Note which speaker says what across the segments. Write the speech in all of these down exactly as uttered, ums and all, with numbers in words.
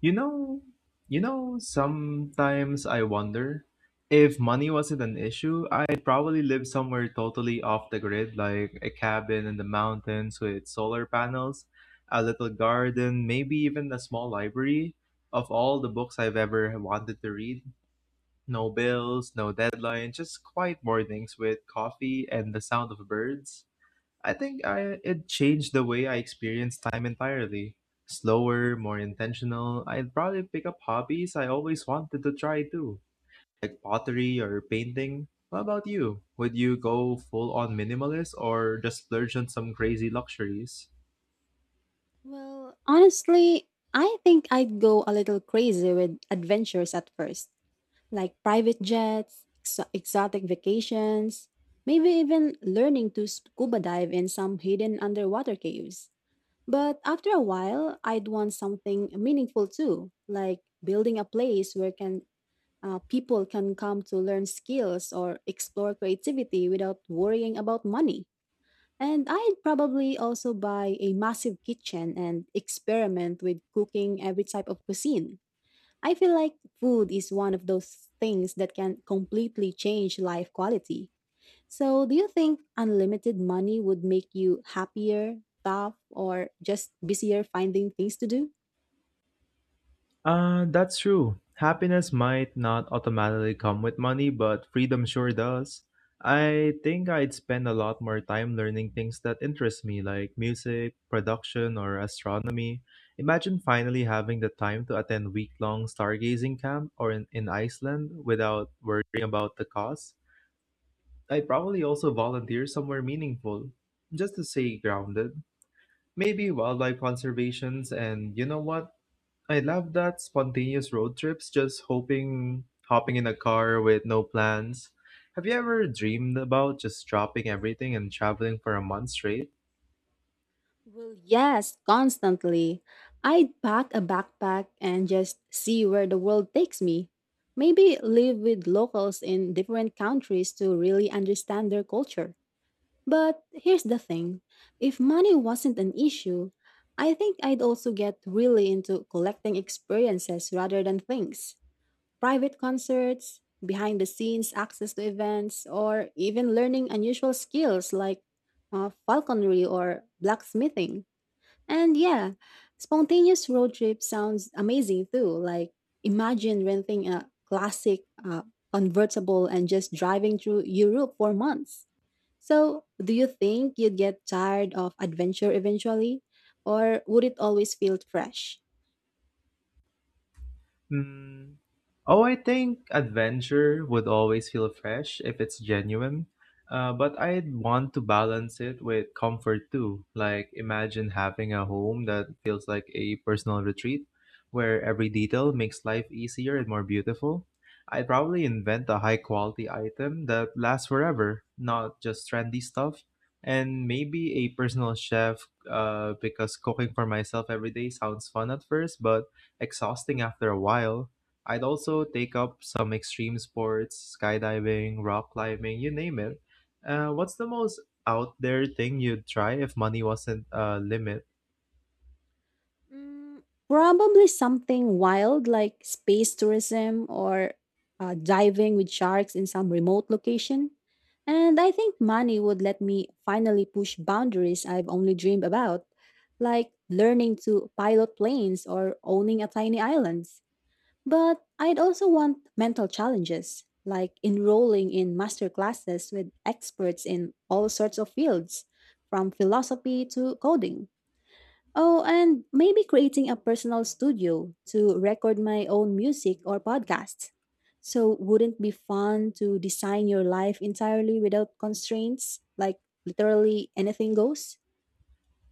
Speaker 1: You know, you know, sometimes I wonder if money wasn't an issue, I'd probably live somewhere totally off the grid, like a cabin in the mountains with solar panels, a little garden, maybe even a small library of all the books I've ever wanted to read. No bills, no deadlines, just quiet mornings with coffee and the sound of birds. I think I it changed the way I experience time entirely. Slower, more intentional. I'd probably pick up hobbies I always wanted to try too, like pottery or painting. What about you? Would you go full on minimalist or just splurge on some crazy luxuries?
Speaker 2: Well, honestly, I think I'd go a little crazy with adventures at first, like private jets, exo- exotic vacations, maybe even learning to scuba dive in some hidden underwater caves. But after a while, I'd want something meaningful too, like building a place where can uh, people can come to learn skills or explore creativity without worrying about money. And I'd probably also buy a massive kitchen and experiment with cooking every type of cuisine. I feel like food is one of those things that can completely change life quality. So, do you think unlimited money would make you happier, tough, or just busier finding things to do?
Speaker 1: Uh, that's true. Happiness might not automatically come with money, but freedom sure does. I think I'd spend a lot more time learning things that interest me, like music, production, or astronomy. Imagine finally having the time to attend week long stargazing camp or in, in Iceland without worrying about the cost. I'd probably also volunteer somewhere meaningful, just to stay grounded. Maybe wildlife conservations, and you know what? I love that spontaneous road trips, just hoping hopping in a car with no plans. Have you ever dreamed about just dropping everything and traveling for a month straight?
Speaker 2: Well, yes, constantly. I'd pack a backpack and just see where the world takes me. Maybe live with locals in different countries to really understand their culture. But here's the thing, if money wasn't an issue, I think I'd also get really into collecting experiences rather than things. Private concerts, behind the scenes access to events, or even learning unusual skills like uh, falconry or blacksmithing. And yeah, spontaneous road trip sounds amazing too. Like, imagine renting a classic uh, convertible and just driving through Europe for months. So, do you think you'd get tired of adventure eventually, or would it always feel fresh?
Speaker 1: Hmm. Oh, I think adventure would always feel fresh if it's genuine. Uh, but I'd want to balance it with comfort too. Like, imagine having a home that feels like a personal retreat where every detail makes life easier and more beautiful. I'd probably invent a high quality item that lasts forever, not just trendy stuff. And maybe a personal chef, uh, because cooking for myself every day sounds fun at first, but exhausting after a while. I'd also take up some extreme sports, skydiving, rock climbing, you name it. Uh, what's the most out there thing you'd try if money wasn't a limit?
Speaker 2: Mm, Probably something wild like space tourism or uh, diving with sharks in some remote location. And I think money would let me finally push boundaries I've only dreamed about, like learning to pilot planes or owning a tiny island. But I'd also want mental challenges, like enrolling in master classes with experts in all sorts of fields, from philosophy to coding. Oh, and maybe creating a personal studio to record my own music or podcasts. So, wouldn't it be fun to design your life entirely without constraints? Like, literally anything goes?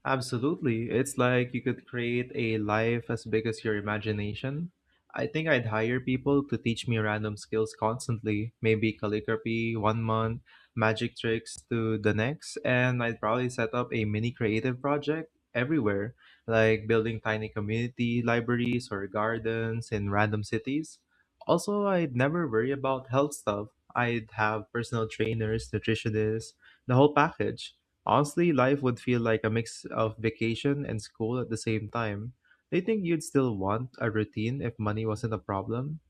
Speaker 1: Absolutely. It's like you could create a life as big as your imagination. I think I'd hire people to teach me random skills constantly, maybe calligraphy one month, magic tricks to the next, and I'd probably set up a mini creative project everywhere, like building tiny community libraries or gardens in random cities. Also, I'd never worry about health stuff. I'd have personal trainers, nutritionists, the whole package. Honestly, life would feel like a mix of vacation and school at the same time. Do you think you'd still want a routine if money wasn't a problem?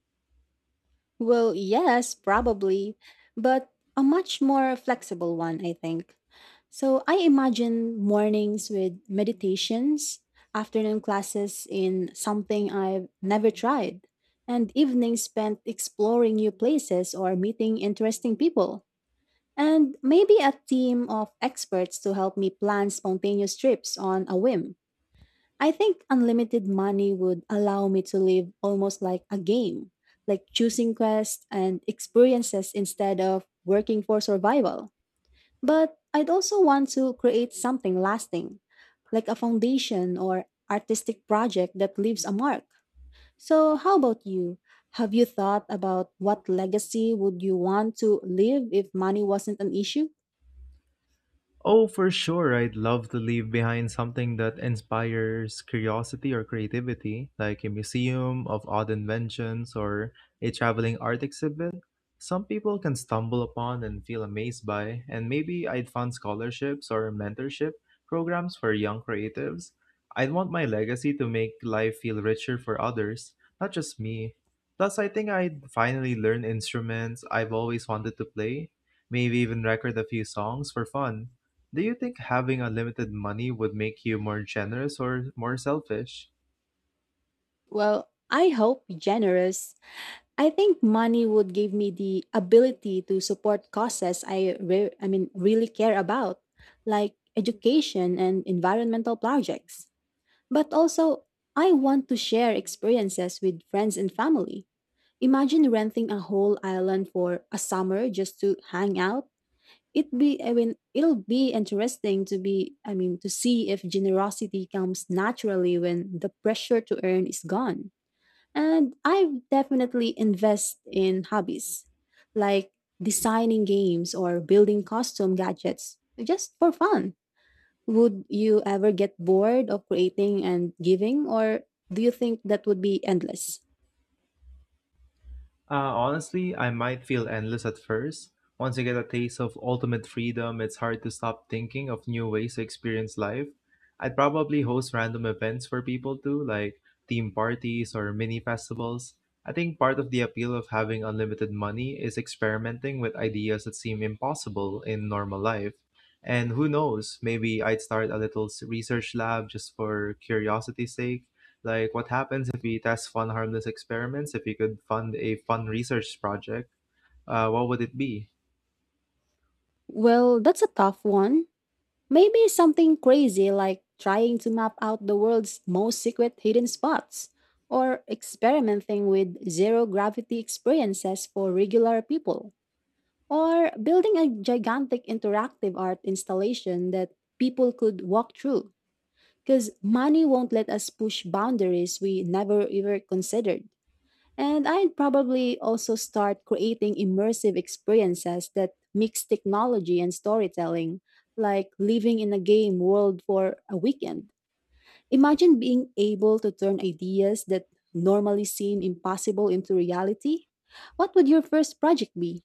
Speaker 2: Well, yes, probably, but a much more flexible one, I think. So I imagine mornings with meditations, afternoon classes in something I've never tried, and evenings spent exploring new places or meeting interesting people. And maybe a team of experts to help me plan spontaneous trips on a whim. I think unlimited money would allow me to live almost like a game, like choosing quests and experiences instead of working for survival. But I'd also want to create something lasting, like a foundation or artistic project that leaves a mark. So, how about you? Have you thought about what legacy would you want to leave if money wasn't an issue?
Speaker 1: Oh, for sure. I'd love to leave behind something that inspires curiosity or creativity, like a museum of odd inventions or a traveling art exhibit. Some people can stumble upon and feel amazed by, and maybe I'd fund scholarships or mentorship programs for young creatives. I'd want my legacy to make life feel richer for others, not just me. Plus, I think I'd finally learn instruments I've always wanted to play, maybe even record a few songs for fun. Do you think having unlimited money would make you more generous or more selfish?
Speaker 2: Well, I hope generous. I think money would give me the ability to support causes I re- I mean really care about, like education and environmental projects. But also, I want to share experiences with friends and family. Imagine renting a whole island for a summer just to hang out. It be I mean it'll be interesting to be I mean to see if generosity comes naturally when the pressure to earn is gone. And I definitely invest in hobbies like designing games or building custom gadgets just for fun. Would you ever get bored of creating and giving, or do you think that would be endless?
Speaker 1: Uh, honestly, I might feel endless at first. Once you get a taste of ultimate freedom, it's hard to stop thinking of new ways to experience life. I'd probably host random events for people too, like theme parties or mini festivals. I think part of the appeal of having unlimited money is experimenting with ideas that seem impossible in normal life. And who knows, maybe I'd start a little s- research lab just for curiosity's sake, like, what happens if we test fun, harmless experiments? If you could fund a fun research project, uh, what would it be?
Speaker 2: Well, that's a tough one. Maybe something crazy like trying to map out the world's most secret hidden spots, or experimenting with zero gravity experiences for regular people, or building a gigantic interactive art installation that people could walk through. Because money won't let us push boundaries we never ever considered. And I'd probably also start creating immersive experiences that mix technology and storytelling, like living in a game world for a weekend. Imagine being able to turn ideas that normally seem impossible into reality. What would your first project be?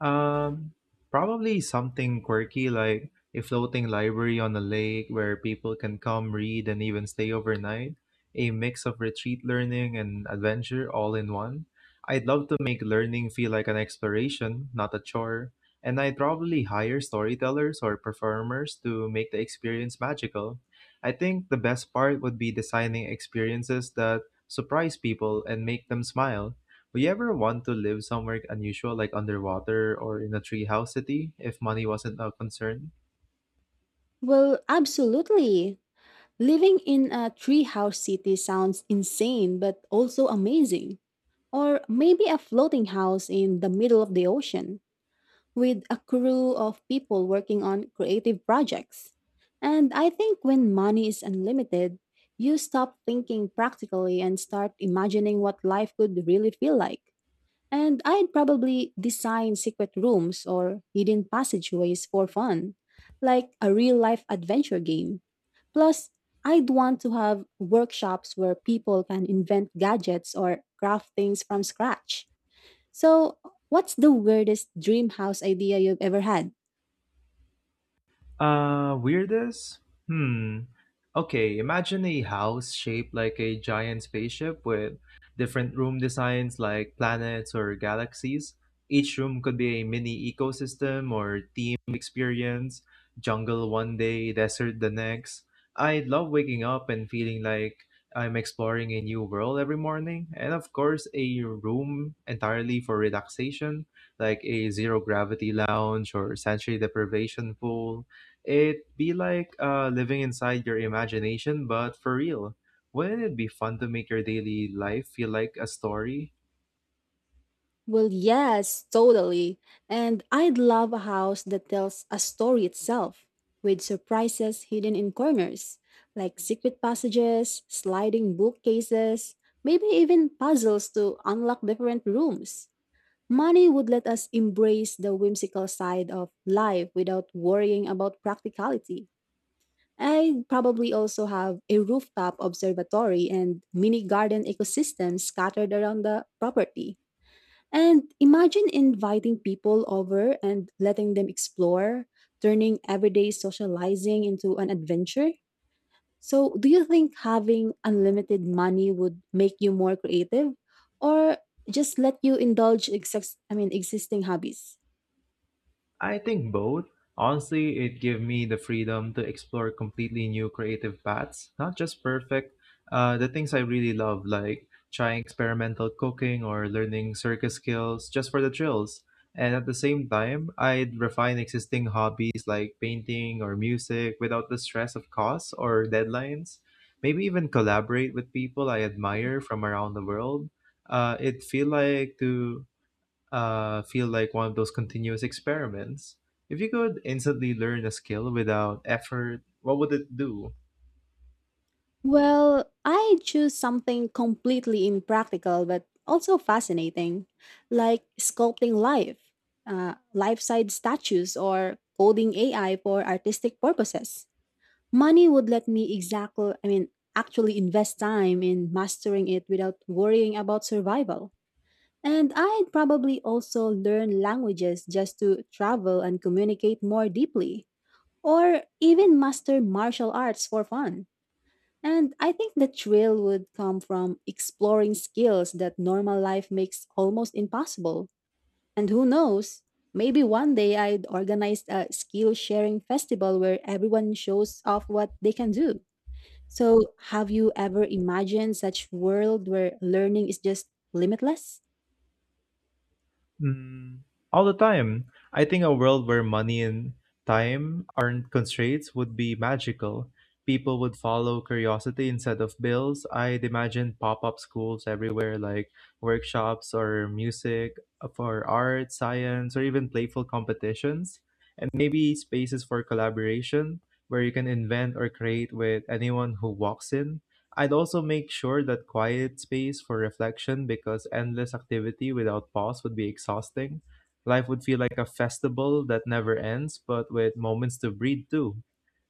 Speaker 1: Um, Probably something quirky like a floating library on a lake where people can come read and even stay overnight. A mix of retreat learning and adventure all in one. I'd love to make learning feel like an exploration, not a chore. And I'd probably hire storytellers or performers to make the experience magical. I think the best part would be designing experiences that surprise people and make them smile. Would you ever want to live somewhere unusual, like underwater or in a treehouse city, if money wasn't a concern?
Speaker 2: Well, absolutely. Living in a treehouse city sounds insane but also amazing. Or maybe a floating house in the middle of the ocean with a crew of people working on creative projects. And I think when money is unlimited, you stop thinking practically and start imagining what life could really feel like. And I'd probably design secret rooms or hidden passageways for fun, like a real life adventure game. Plus, I'd want to have workshops where people can invent gadgets or craft things from scratch. So, what's the weirdest dream house idea you've ever had?
Speaker 1: Uh, weirdest? Hmm. Okay, imagine a house shaped like a giant spaceship with different room designs like planets or galaxies. Each room could be a mini ecosystem or theme experience, jungle one day, desert the next. I love waking up and feeling like I'm exploring a new world every morning. And of course, a room entirely for relaxation, like a zero gravity lounge or sensory deprivation pool. It'd be like uh, living inside your imagination, but for real. Wouldn't it be fun to make your daily life feel like a story?
Speaker 2: Well, yes, totally. And I'd love a house that tells a story itself, with surprises hidden in corners, like secret passages, sliding bookcases, maybe even puzzles to unlock different rooms. Money would let us embrace the whimsical side of life without worrying about practicality. I'd probably also have a rooftop observatory and mini garden ecosystems scattered around the property. And imagine inviting people over and letting them explore, turning everyday socializing into an adventure. So, do you think having unlimited money would make you more creative, or just let you indulge exis- I mean existing hobbies?
Speaker 1: I think both. Honestly, it gave me the freedom to explore completely new creative paths, not just perfect. Uh, the things I really love, like trying experimental cooking or learning circus skills just for the thrills. And at the same time, I'd refine existing hobbies like painting or music without the stress of costs or deadlines. Maybe even collaborate with people I admire from around the world. Uh, it feel like to uh, feel like one of those continuous experiments. If you could instantly learn a skill without effort, what would it do?
Speaker 2: Well, I choose something completely impractical but also fascinating, like sculpting life, uh, life size statues, or coding A I for artistic purposes. Money would let me exactly, I mean, actually invest time in mastering it without worrying about survival. And I'd probably also learn languages just to travel and communicate more deeply, or even master martial arts for fun. And I think the thrill would come from exploring skills that normal life makes almost impossible. And who knows, maybe one day I'd organize a skill sharing festival where everyone shows off what they can do. So, have you ever imagined such world where learning is just limitless?
Speaker 1: Mm, all the time. I think a world where money and time aren't constraints would be magical. People would follow curiosity instead of bills. I'd imagine pop up schools everywhere, like workshops or music uh, for art, science, or even playful competitions. And maybe spaces for collaboration where you can invent or create with anyone who walks in. I'd also make sure that quiet space for reflection because endless activity without pause would be exhausting. Life would feel like a festival that never ends, but with moments to breathe too.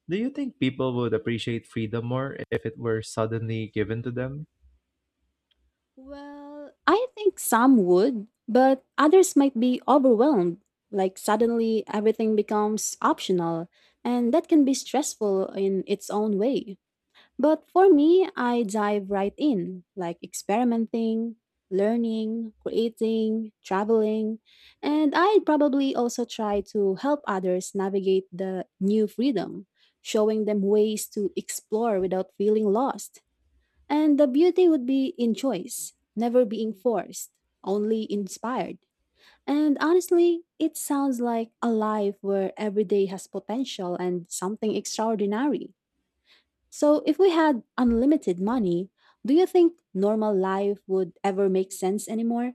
Speaker 1: Do you think people would appreciate freedom more if it were suddenly given to them?
Speaker 2: Well, I think some would, but others might be overwhelmed. Like, suddenly everything becomes optional, and that can be stressful in its own way. But for me, I dive right in, like experimenting, learning, creating, traveling, and I probably also try to help others navigate the new freedom, showing them ways to explore without feeling lost. And the beauty would be in choice, never being forced, only inspired. And honestly, it sounds like a life where every day has potential and something extraordinary. So, if we had unlimited money, do you think normal life would ever make sense anymore?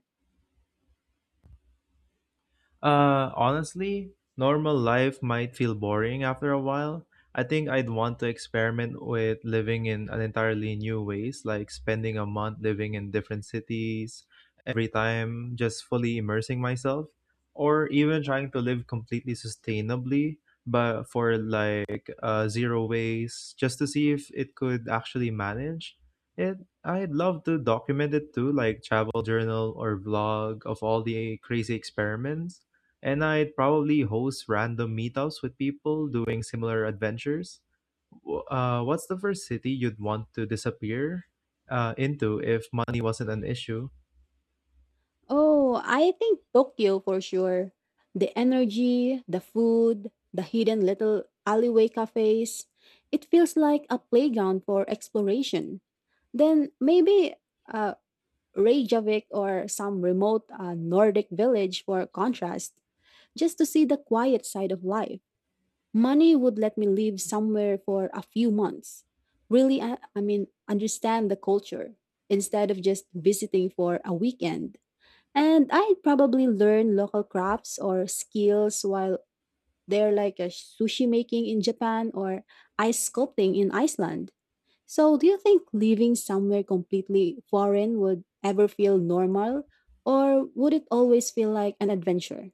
Speaker 1: Uh, honestly, normal life might feel boring after a while. I think I'd want to experiment with living in an entirely new ways, like spending a month living in different cities every time, just fully immersing myself, or even trying to live completely sustainably, but for like uh, zero waste, just to see if it could actually manage it. I'd love to document it too, like travel journal or vlog of all the crazy experiments, and I'd probably host random meetups with people doing similar adventures. W- Uh, what's the first city you'd want to disappear uh, into if money wasn't an issue?
Speaker 2: Oh, I think Tokyo for sure. The energy, the food, the hidden little alleyway cafes. It feels like a playground for exploration. Then maybe uh, Reykjavik or some remote uh, Nordic village for contrast, just to see the quiet side of life. Money would let me live somewhere for a few months. Really, I, I mean, Understand the culture instead of just visiting for a weekend. And I'd probably learn local crafts or skills while they're, like a sushi making in Japan or ice sculpting in Iceland. So, do you think living somewhere completely foreign would ever feel normal, or would it always feel like an adventure?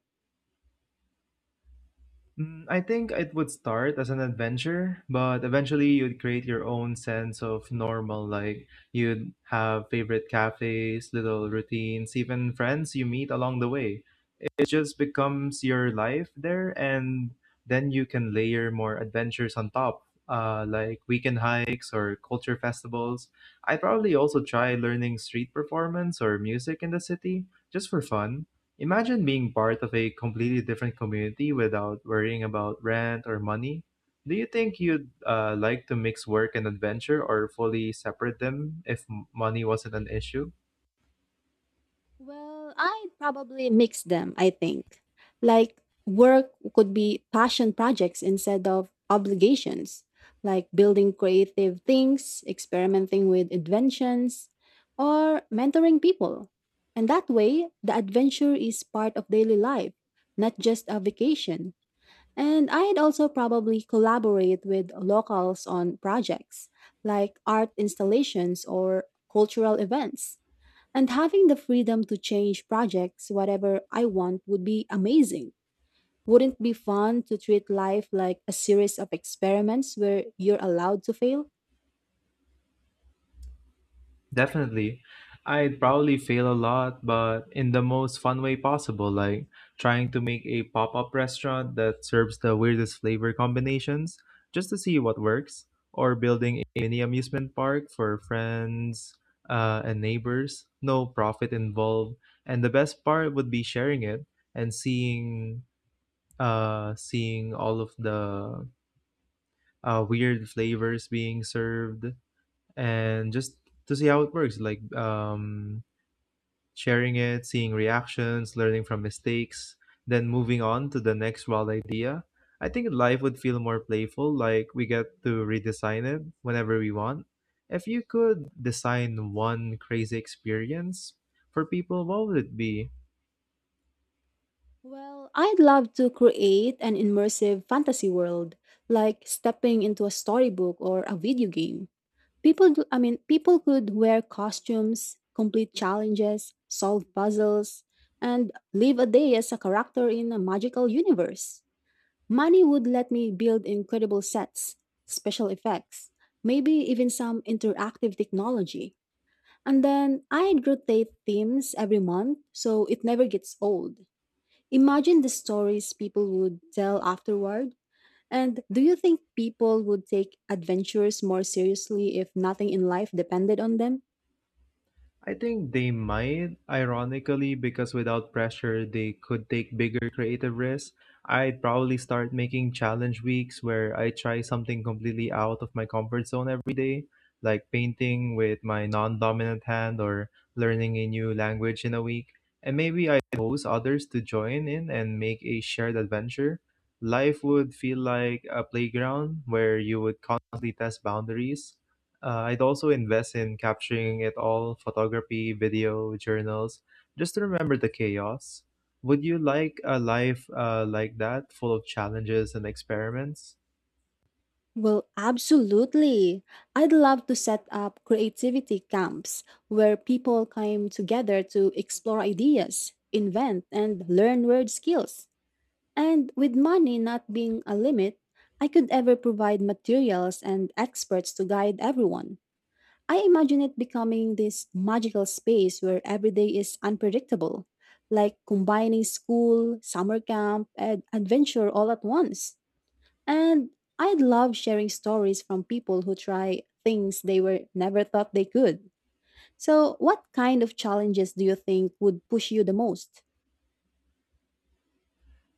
Speaker 1: Mm, I think it would start as an adventure, but eventually you'd create your own sense of normal. Like, you'd have favorite cafes, little routines, even friends you meet along the way. It just becomes your life there, and then you can layer more adventures on top, uh, like weekend hikes or culture festivals. I probably also try learning street performance or music in the city just for fun. Imagine being part of a completely different community without worrying about rent or money. Do you think you'd uh, like to mix work and adventure or fully separate them if m- money wasn't an issue?
Speaker 2: Well, I'd probably mix them, I think. Like, work could be passion projects instead of obligations, like building creative things, experimenting with inventions, or mentoring people. And that way, the adventure is part of daily life, not just a vacation. And I'd also probably collaborate with locals on projects like art installations or cultural events, and having the freedom to change projects whatever I want would be amazing. Wouldn't it be fun to treat life like a series of experiments where you're allowed to fail?
Speaker 1: Definitely. I'd probably fail a lot, but in the most fun way possible, like trying to make a pop up restaurant that serves the weirdest flavor combinations just to see what works, or building a mini amusement park for friends uh, and neighbors, no profit involved. And the best part would be sharing it and seeing uh seeing all of the uh, weird flavors being served and just to see how it works, like um sharing it, seeing reactions, learning from mistakes, then moving on to the next wild idea. I think life would feel more playful, like we get to redesign it whenever we want. If you could design one crazy experience for people, what would it be?
Speaker 2: Well, I'd love to create an immersive fantasy world, like stepping into a storybook or a video game. People, do, I mean, People could wear costumes, complete challenges, solve puzzles, and live a day as a character in a magical universe. Money would let me build incredible sets, special effects, maybe even some interactive technology. And then I'd rotate themes every month so it never gets old. Imagine the stories people would tell afterward. And do you think people would take adventures more seriously if nothing in life depended on them?
Speaker 1: I think they might, ironically, because without pressure, they could take bigger creative risks. I'd probably start making challenge weeks where I try something completely out of my comfort zone every day, like painting with my non dominant hand or learning a new language in a week. And maybe I'd host others to join in and make a shared adventure. Life would feel like a playground where you would constantly test boundaries. Uh, I'd also invest in capturing it all, photography, video, journals, just to remember the chaos. Would you like a life uh, like that, full of challenges and experiments?
Speaker 2: Well, absolutely. I'd love to set up creativity camps where people come together to explore ideas, invent, and learn word skills. And with money not being a limit, I could ever provide materials and experts to guide everyone. I imagine it becoming this magical space where every day is unpredictable, like combining school, summer camp, and adventure all at once. And I love sharing stories from people who try things they were never thought they could. So, what kind of challenges do you think would push you the most?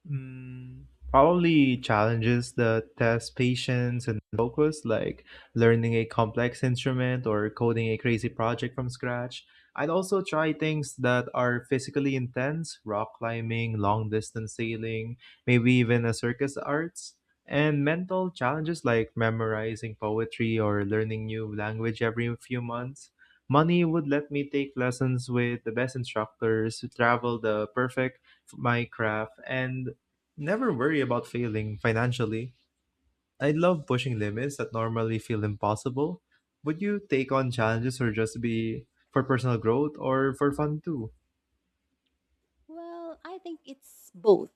Speaker 1: Mm, probably challenges that test patience and focus, like learning a complex instrument or coding a crazy project from scratch. I'd also try things that are physically intense, rock climbing, long distance sailing, maybe even a circus arts. And mental challenges like memorizing poetry or learning new language every few months. Money would let me take lessons with the best instructors, travel the perfect my craft, and never worry about failing financially. I love pushing limits that normally feel impossible. Would you take on challenges or just be for personal growth or for fun too?
Speaker 2: Well, I think it's both.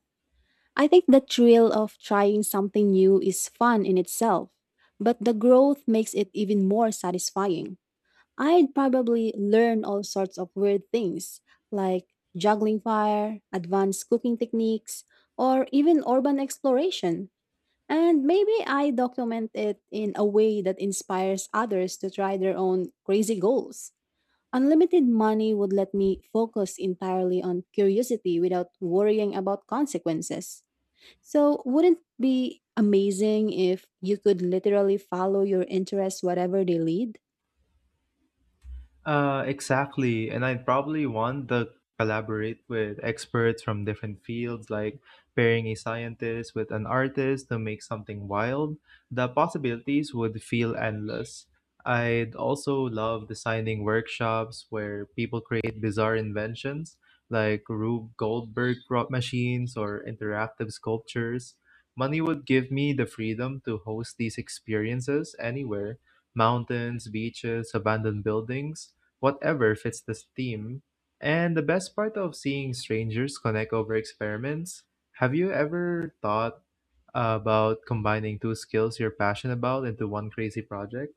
Speaker 2: I think the thrill of trying something new is fun in itself, but the growth makes it even more satisfying. I'd probably learn all sorts of weird things like juggling fire, advanced cooking techniques, or even urban exploration. And maybe I document it in a way that inspires others to try their own crazy goals. Unlimited money would let me focus entirely on curiosity without worrying about consequences. So, wouldn't it be amazing if you could literally follow your interests wherever they lead?
Speaker 1: Uh, exactly. And I'd probably want to collaborate with experts from different fields, like pairing a scientist with an artist to make something wild. The possibilities would feel endless. I'd also love designing workshops where people create bizarre inventions like Rube Goldberg prop machines or interactive sculptures. Money would give me the freedom to host these experiences anywhere — mountains, beaches, abandoned buildings, whatever fits the theme. And the best part of seeing strangers connect over experiments, have you ever thought about combining two skills you're passionate about into one crazy project?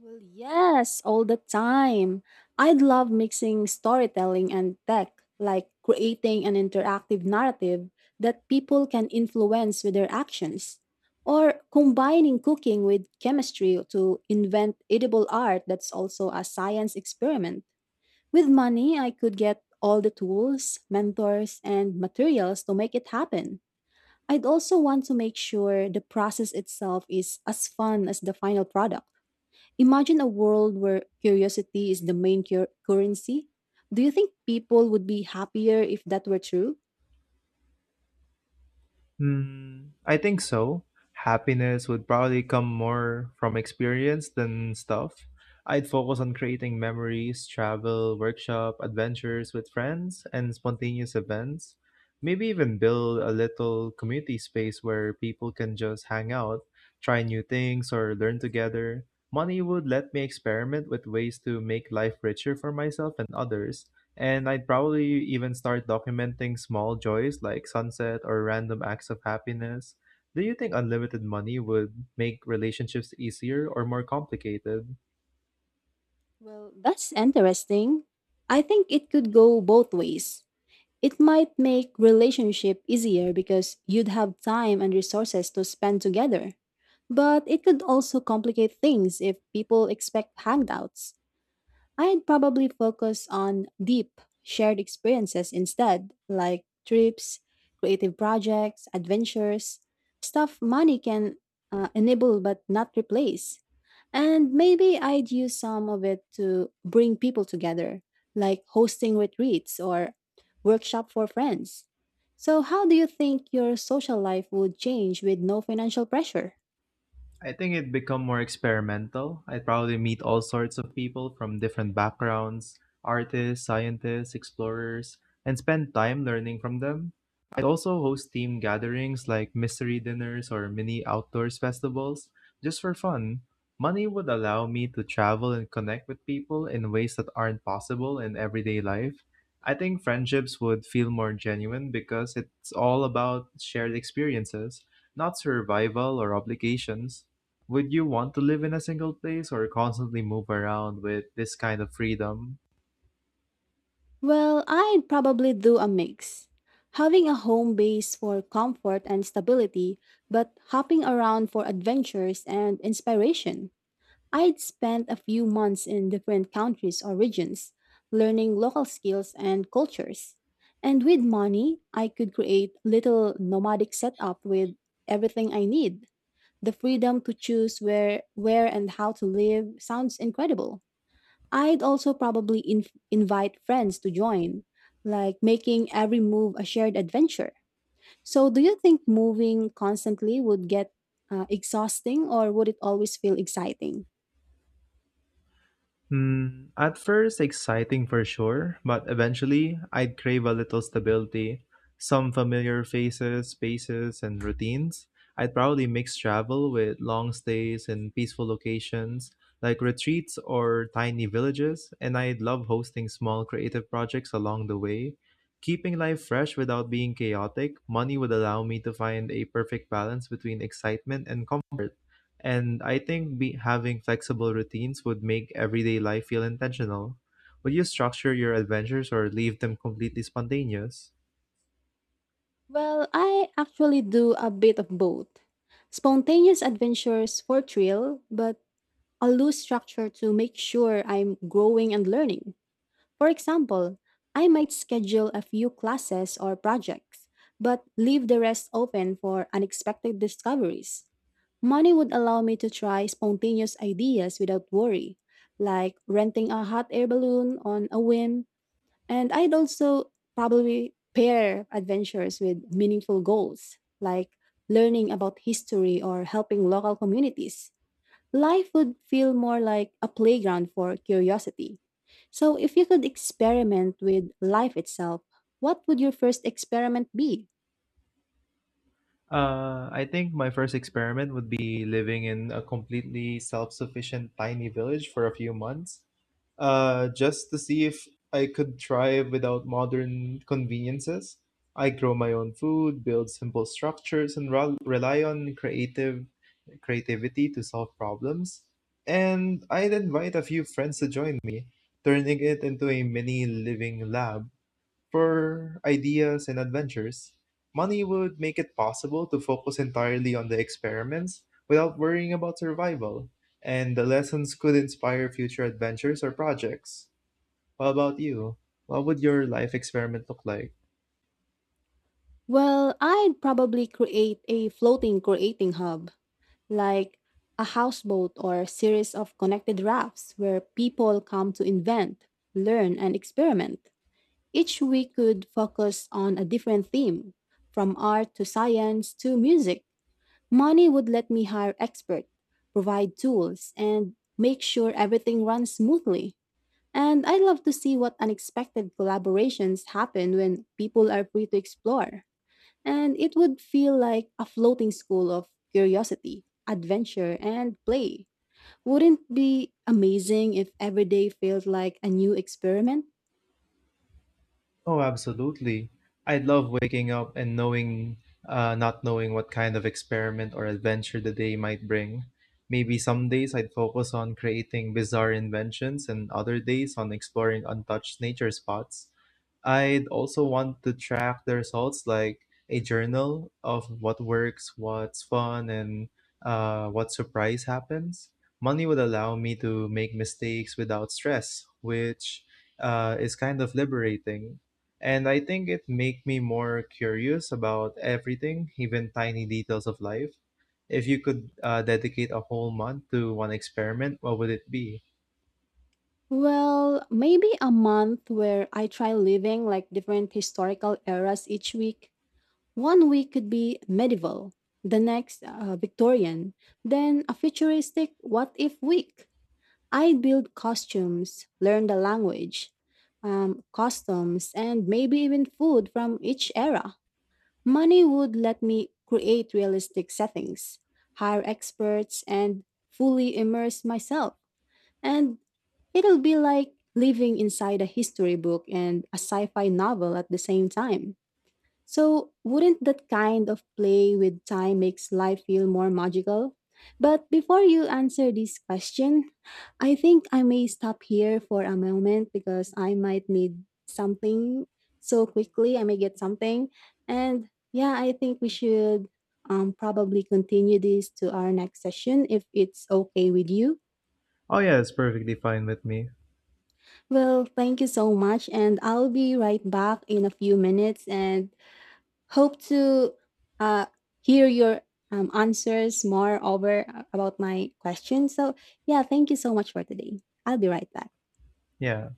Speaker 2: Well, yes, all the time. I'd love mixing storytelling and tech, like creating an interactive narrative that people can influence with their actions, or combining cooking with chemistry to invent edible art that's also a science experiment. With money, I could get all the tools, mentors, and materials to make it happen. I'd also want to make sure the process itself is as fun as the final product. Imagine a world where curiosity is the main cur- currency. Do you think people would be happier if that were true?
Speaker 1: Hmm, I think so. Happiness would probably come more from experience than stuff. I'd focus on creating memories, travel, workshop, adventures with friends, and spontaneous events. Maybe even build a little community space where people can just hang out, try new things, or learn together. Money would let me experiment with ways to make life richer for myself and others, and I'd probably even start documenting small joys like sunset or random acts of happiness. Do you think unlimited money would make relationships easier or more complicated?
Speaker 2: Well, that's interesting. I think it could go both ways. It might make relationship easier because you'd have time and resources to spend together. But it could also complicate things if people expect hangouts. I'd probably focus on deep, shared experiences instead, like trips, creative projects, adventures, stuff money can uh, enable but not replace. And maybe I'd use some of it to bring people together, like hosting retreats or workshop for friends. So, how do you think your social life would change with no financial pressure?
Speaker 1: I think it'd become more experimental. I'd probably meet all sorts of people from different backgrounds — artists, scientists, explorers — and spend time learning from them. I'd also host team gatherings like mystery dinners or mini outdoors festivals just for fun. Money would allow me to travel and connect with people in ways that aren't possible in everyday life. I think friendships would feel more genuine because it's all about shared experiences, not survival or obligations. Would you want to live in a single place or constantly move around with this kind of freedom?
Speaker 2: Well, I'd probably do a mix. Having a home base for comfort and stability, but hopping around for adventures and inspiration. I'd spend a few months in different countries or regions, learning local skills and cultures. And with money, I could create little nomadic setup with everything I need. The freedom to choose where where and how to live sounds incredible. I'd also probably inv- invite friends to join, like making every move a shared adventure. So, do you think moving constantly would get uh, exhausting or would it always feel exciting?
Speaker 1: Hmm, at first, exciting for sure, but eventually, I'd crave a little stability, some familiar faces, spaces, and routines. I'd probably mix travel with long stays in peaceful locations like retreats or tiny villages, and I'd love hosting small creative projects along the way. Keeping life fresh without being chaotic, money would allow me to find a perfect balance between excitement and comfort. And I think be, having flexible routines would make everyday life feel intentional. Would you structure your adventures or leave them completely spontaneous?
Speaker 2: Well, I actually do a bit of both. Spontaneous adventures for thrill, but a loose structure to make sure I'm growing and learning. For example, I might schedule a few classes or projects, but leave the rest open for unexpected discoveries. Money would allow me to try spontaneous ideas without worry, like renting a hot air balloon on a whim. And I'd also probably pair adventures with meaningful goals, like learning about history or helping local communities. Life would feel more like a playground for curiosity. So, if you could experiment with life itself, what would your first experiment be?
Speaker 1: Uh, I think my first experiment would be living in a completely self sufficient tiny village for a few months. Uh, just to see if I could try without modern conveniences. I grow my own food, build simple structures, and rel- rely on creative creativity to solve problems. And I'd invite a few friends to join me, turning it into a mini living lab for ideas and adventures. Money would make it possible to focus entirely on the experiments without worrying about survival, and the lessons could inspire future adventures or projects. What about you? What would your life experiment look like?
Speaker 2: Well, I'd probably create a floating creating hub, like a houseboat or a series of connected rafts where people come to invent, learn, and experiment. Each week could focus on a different theme, from art to science to music. Money would let me hire experts, provide tools, and make sure everything runs smoothly. And I love to see what unexpected collaborations happen when people are free to explore. And it would feel like a floating school of curiosity, adventure, and play. Wouldn't it be amazing if every day felt like a new experiment?
Speaker 1: Oh, absolutely. I'd love waking up and knowing, uh, not knowing what kind of experiment or adventure the day might bring. Maybe some days I'd focus on creating bizarre inventions and other days on exploring untouched nature spots. I'd also want to track the results, like a journal of what works, what's fun, and uh, what surprise happens. Money would allow me to make mistakes without stress, which uh, is kind of liberating. And I think it make me more curious about everything, even tiny details of life. If you could uh, dedicate a whole month to one experiment, what would it be?
Speaker 2: Well, maybe a month where I try living like different historical eras each week. One week could be medieval, the next uh, Victorian, then a futuristic what if week. I'd build costumes, learn the language, um, customs, and maybe even food from each era. Money would let me create realistic settings, hire experts, and fully immerse myself. And it'll be like living inside a history book and a sci fi novel at the same time. So, wouldn't that kind of play with time makes life feel more magical? But before you answer this question, I think I may stop here for a moment because I might need something so quickly. I may get something. And yeah, I think we should um, probably continue this to our next session if it's okay with you.
Speaker 1: Oh yeah, it's perfectly fine with me.
Speaker 2: Well, thank you so much. And I'll be right back in a few minutes. And hope to uh, hear your um, answers more over uh, about my questions. So, yeah, thank you so much for today. I'll be right back.
Speaker 1: Yeah.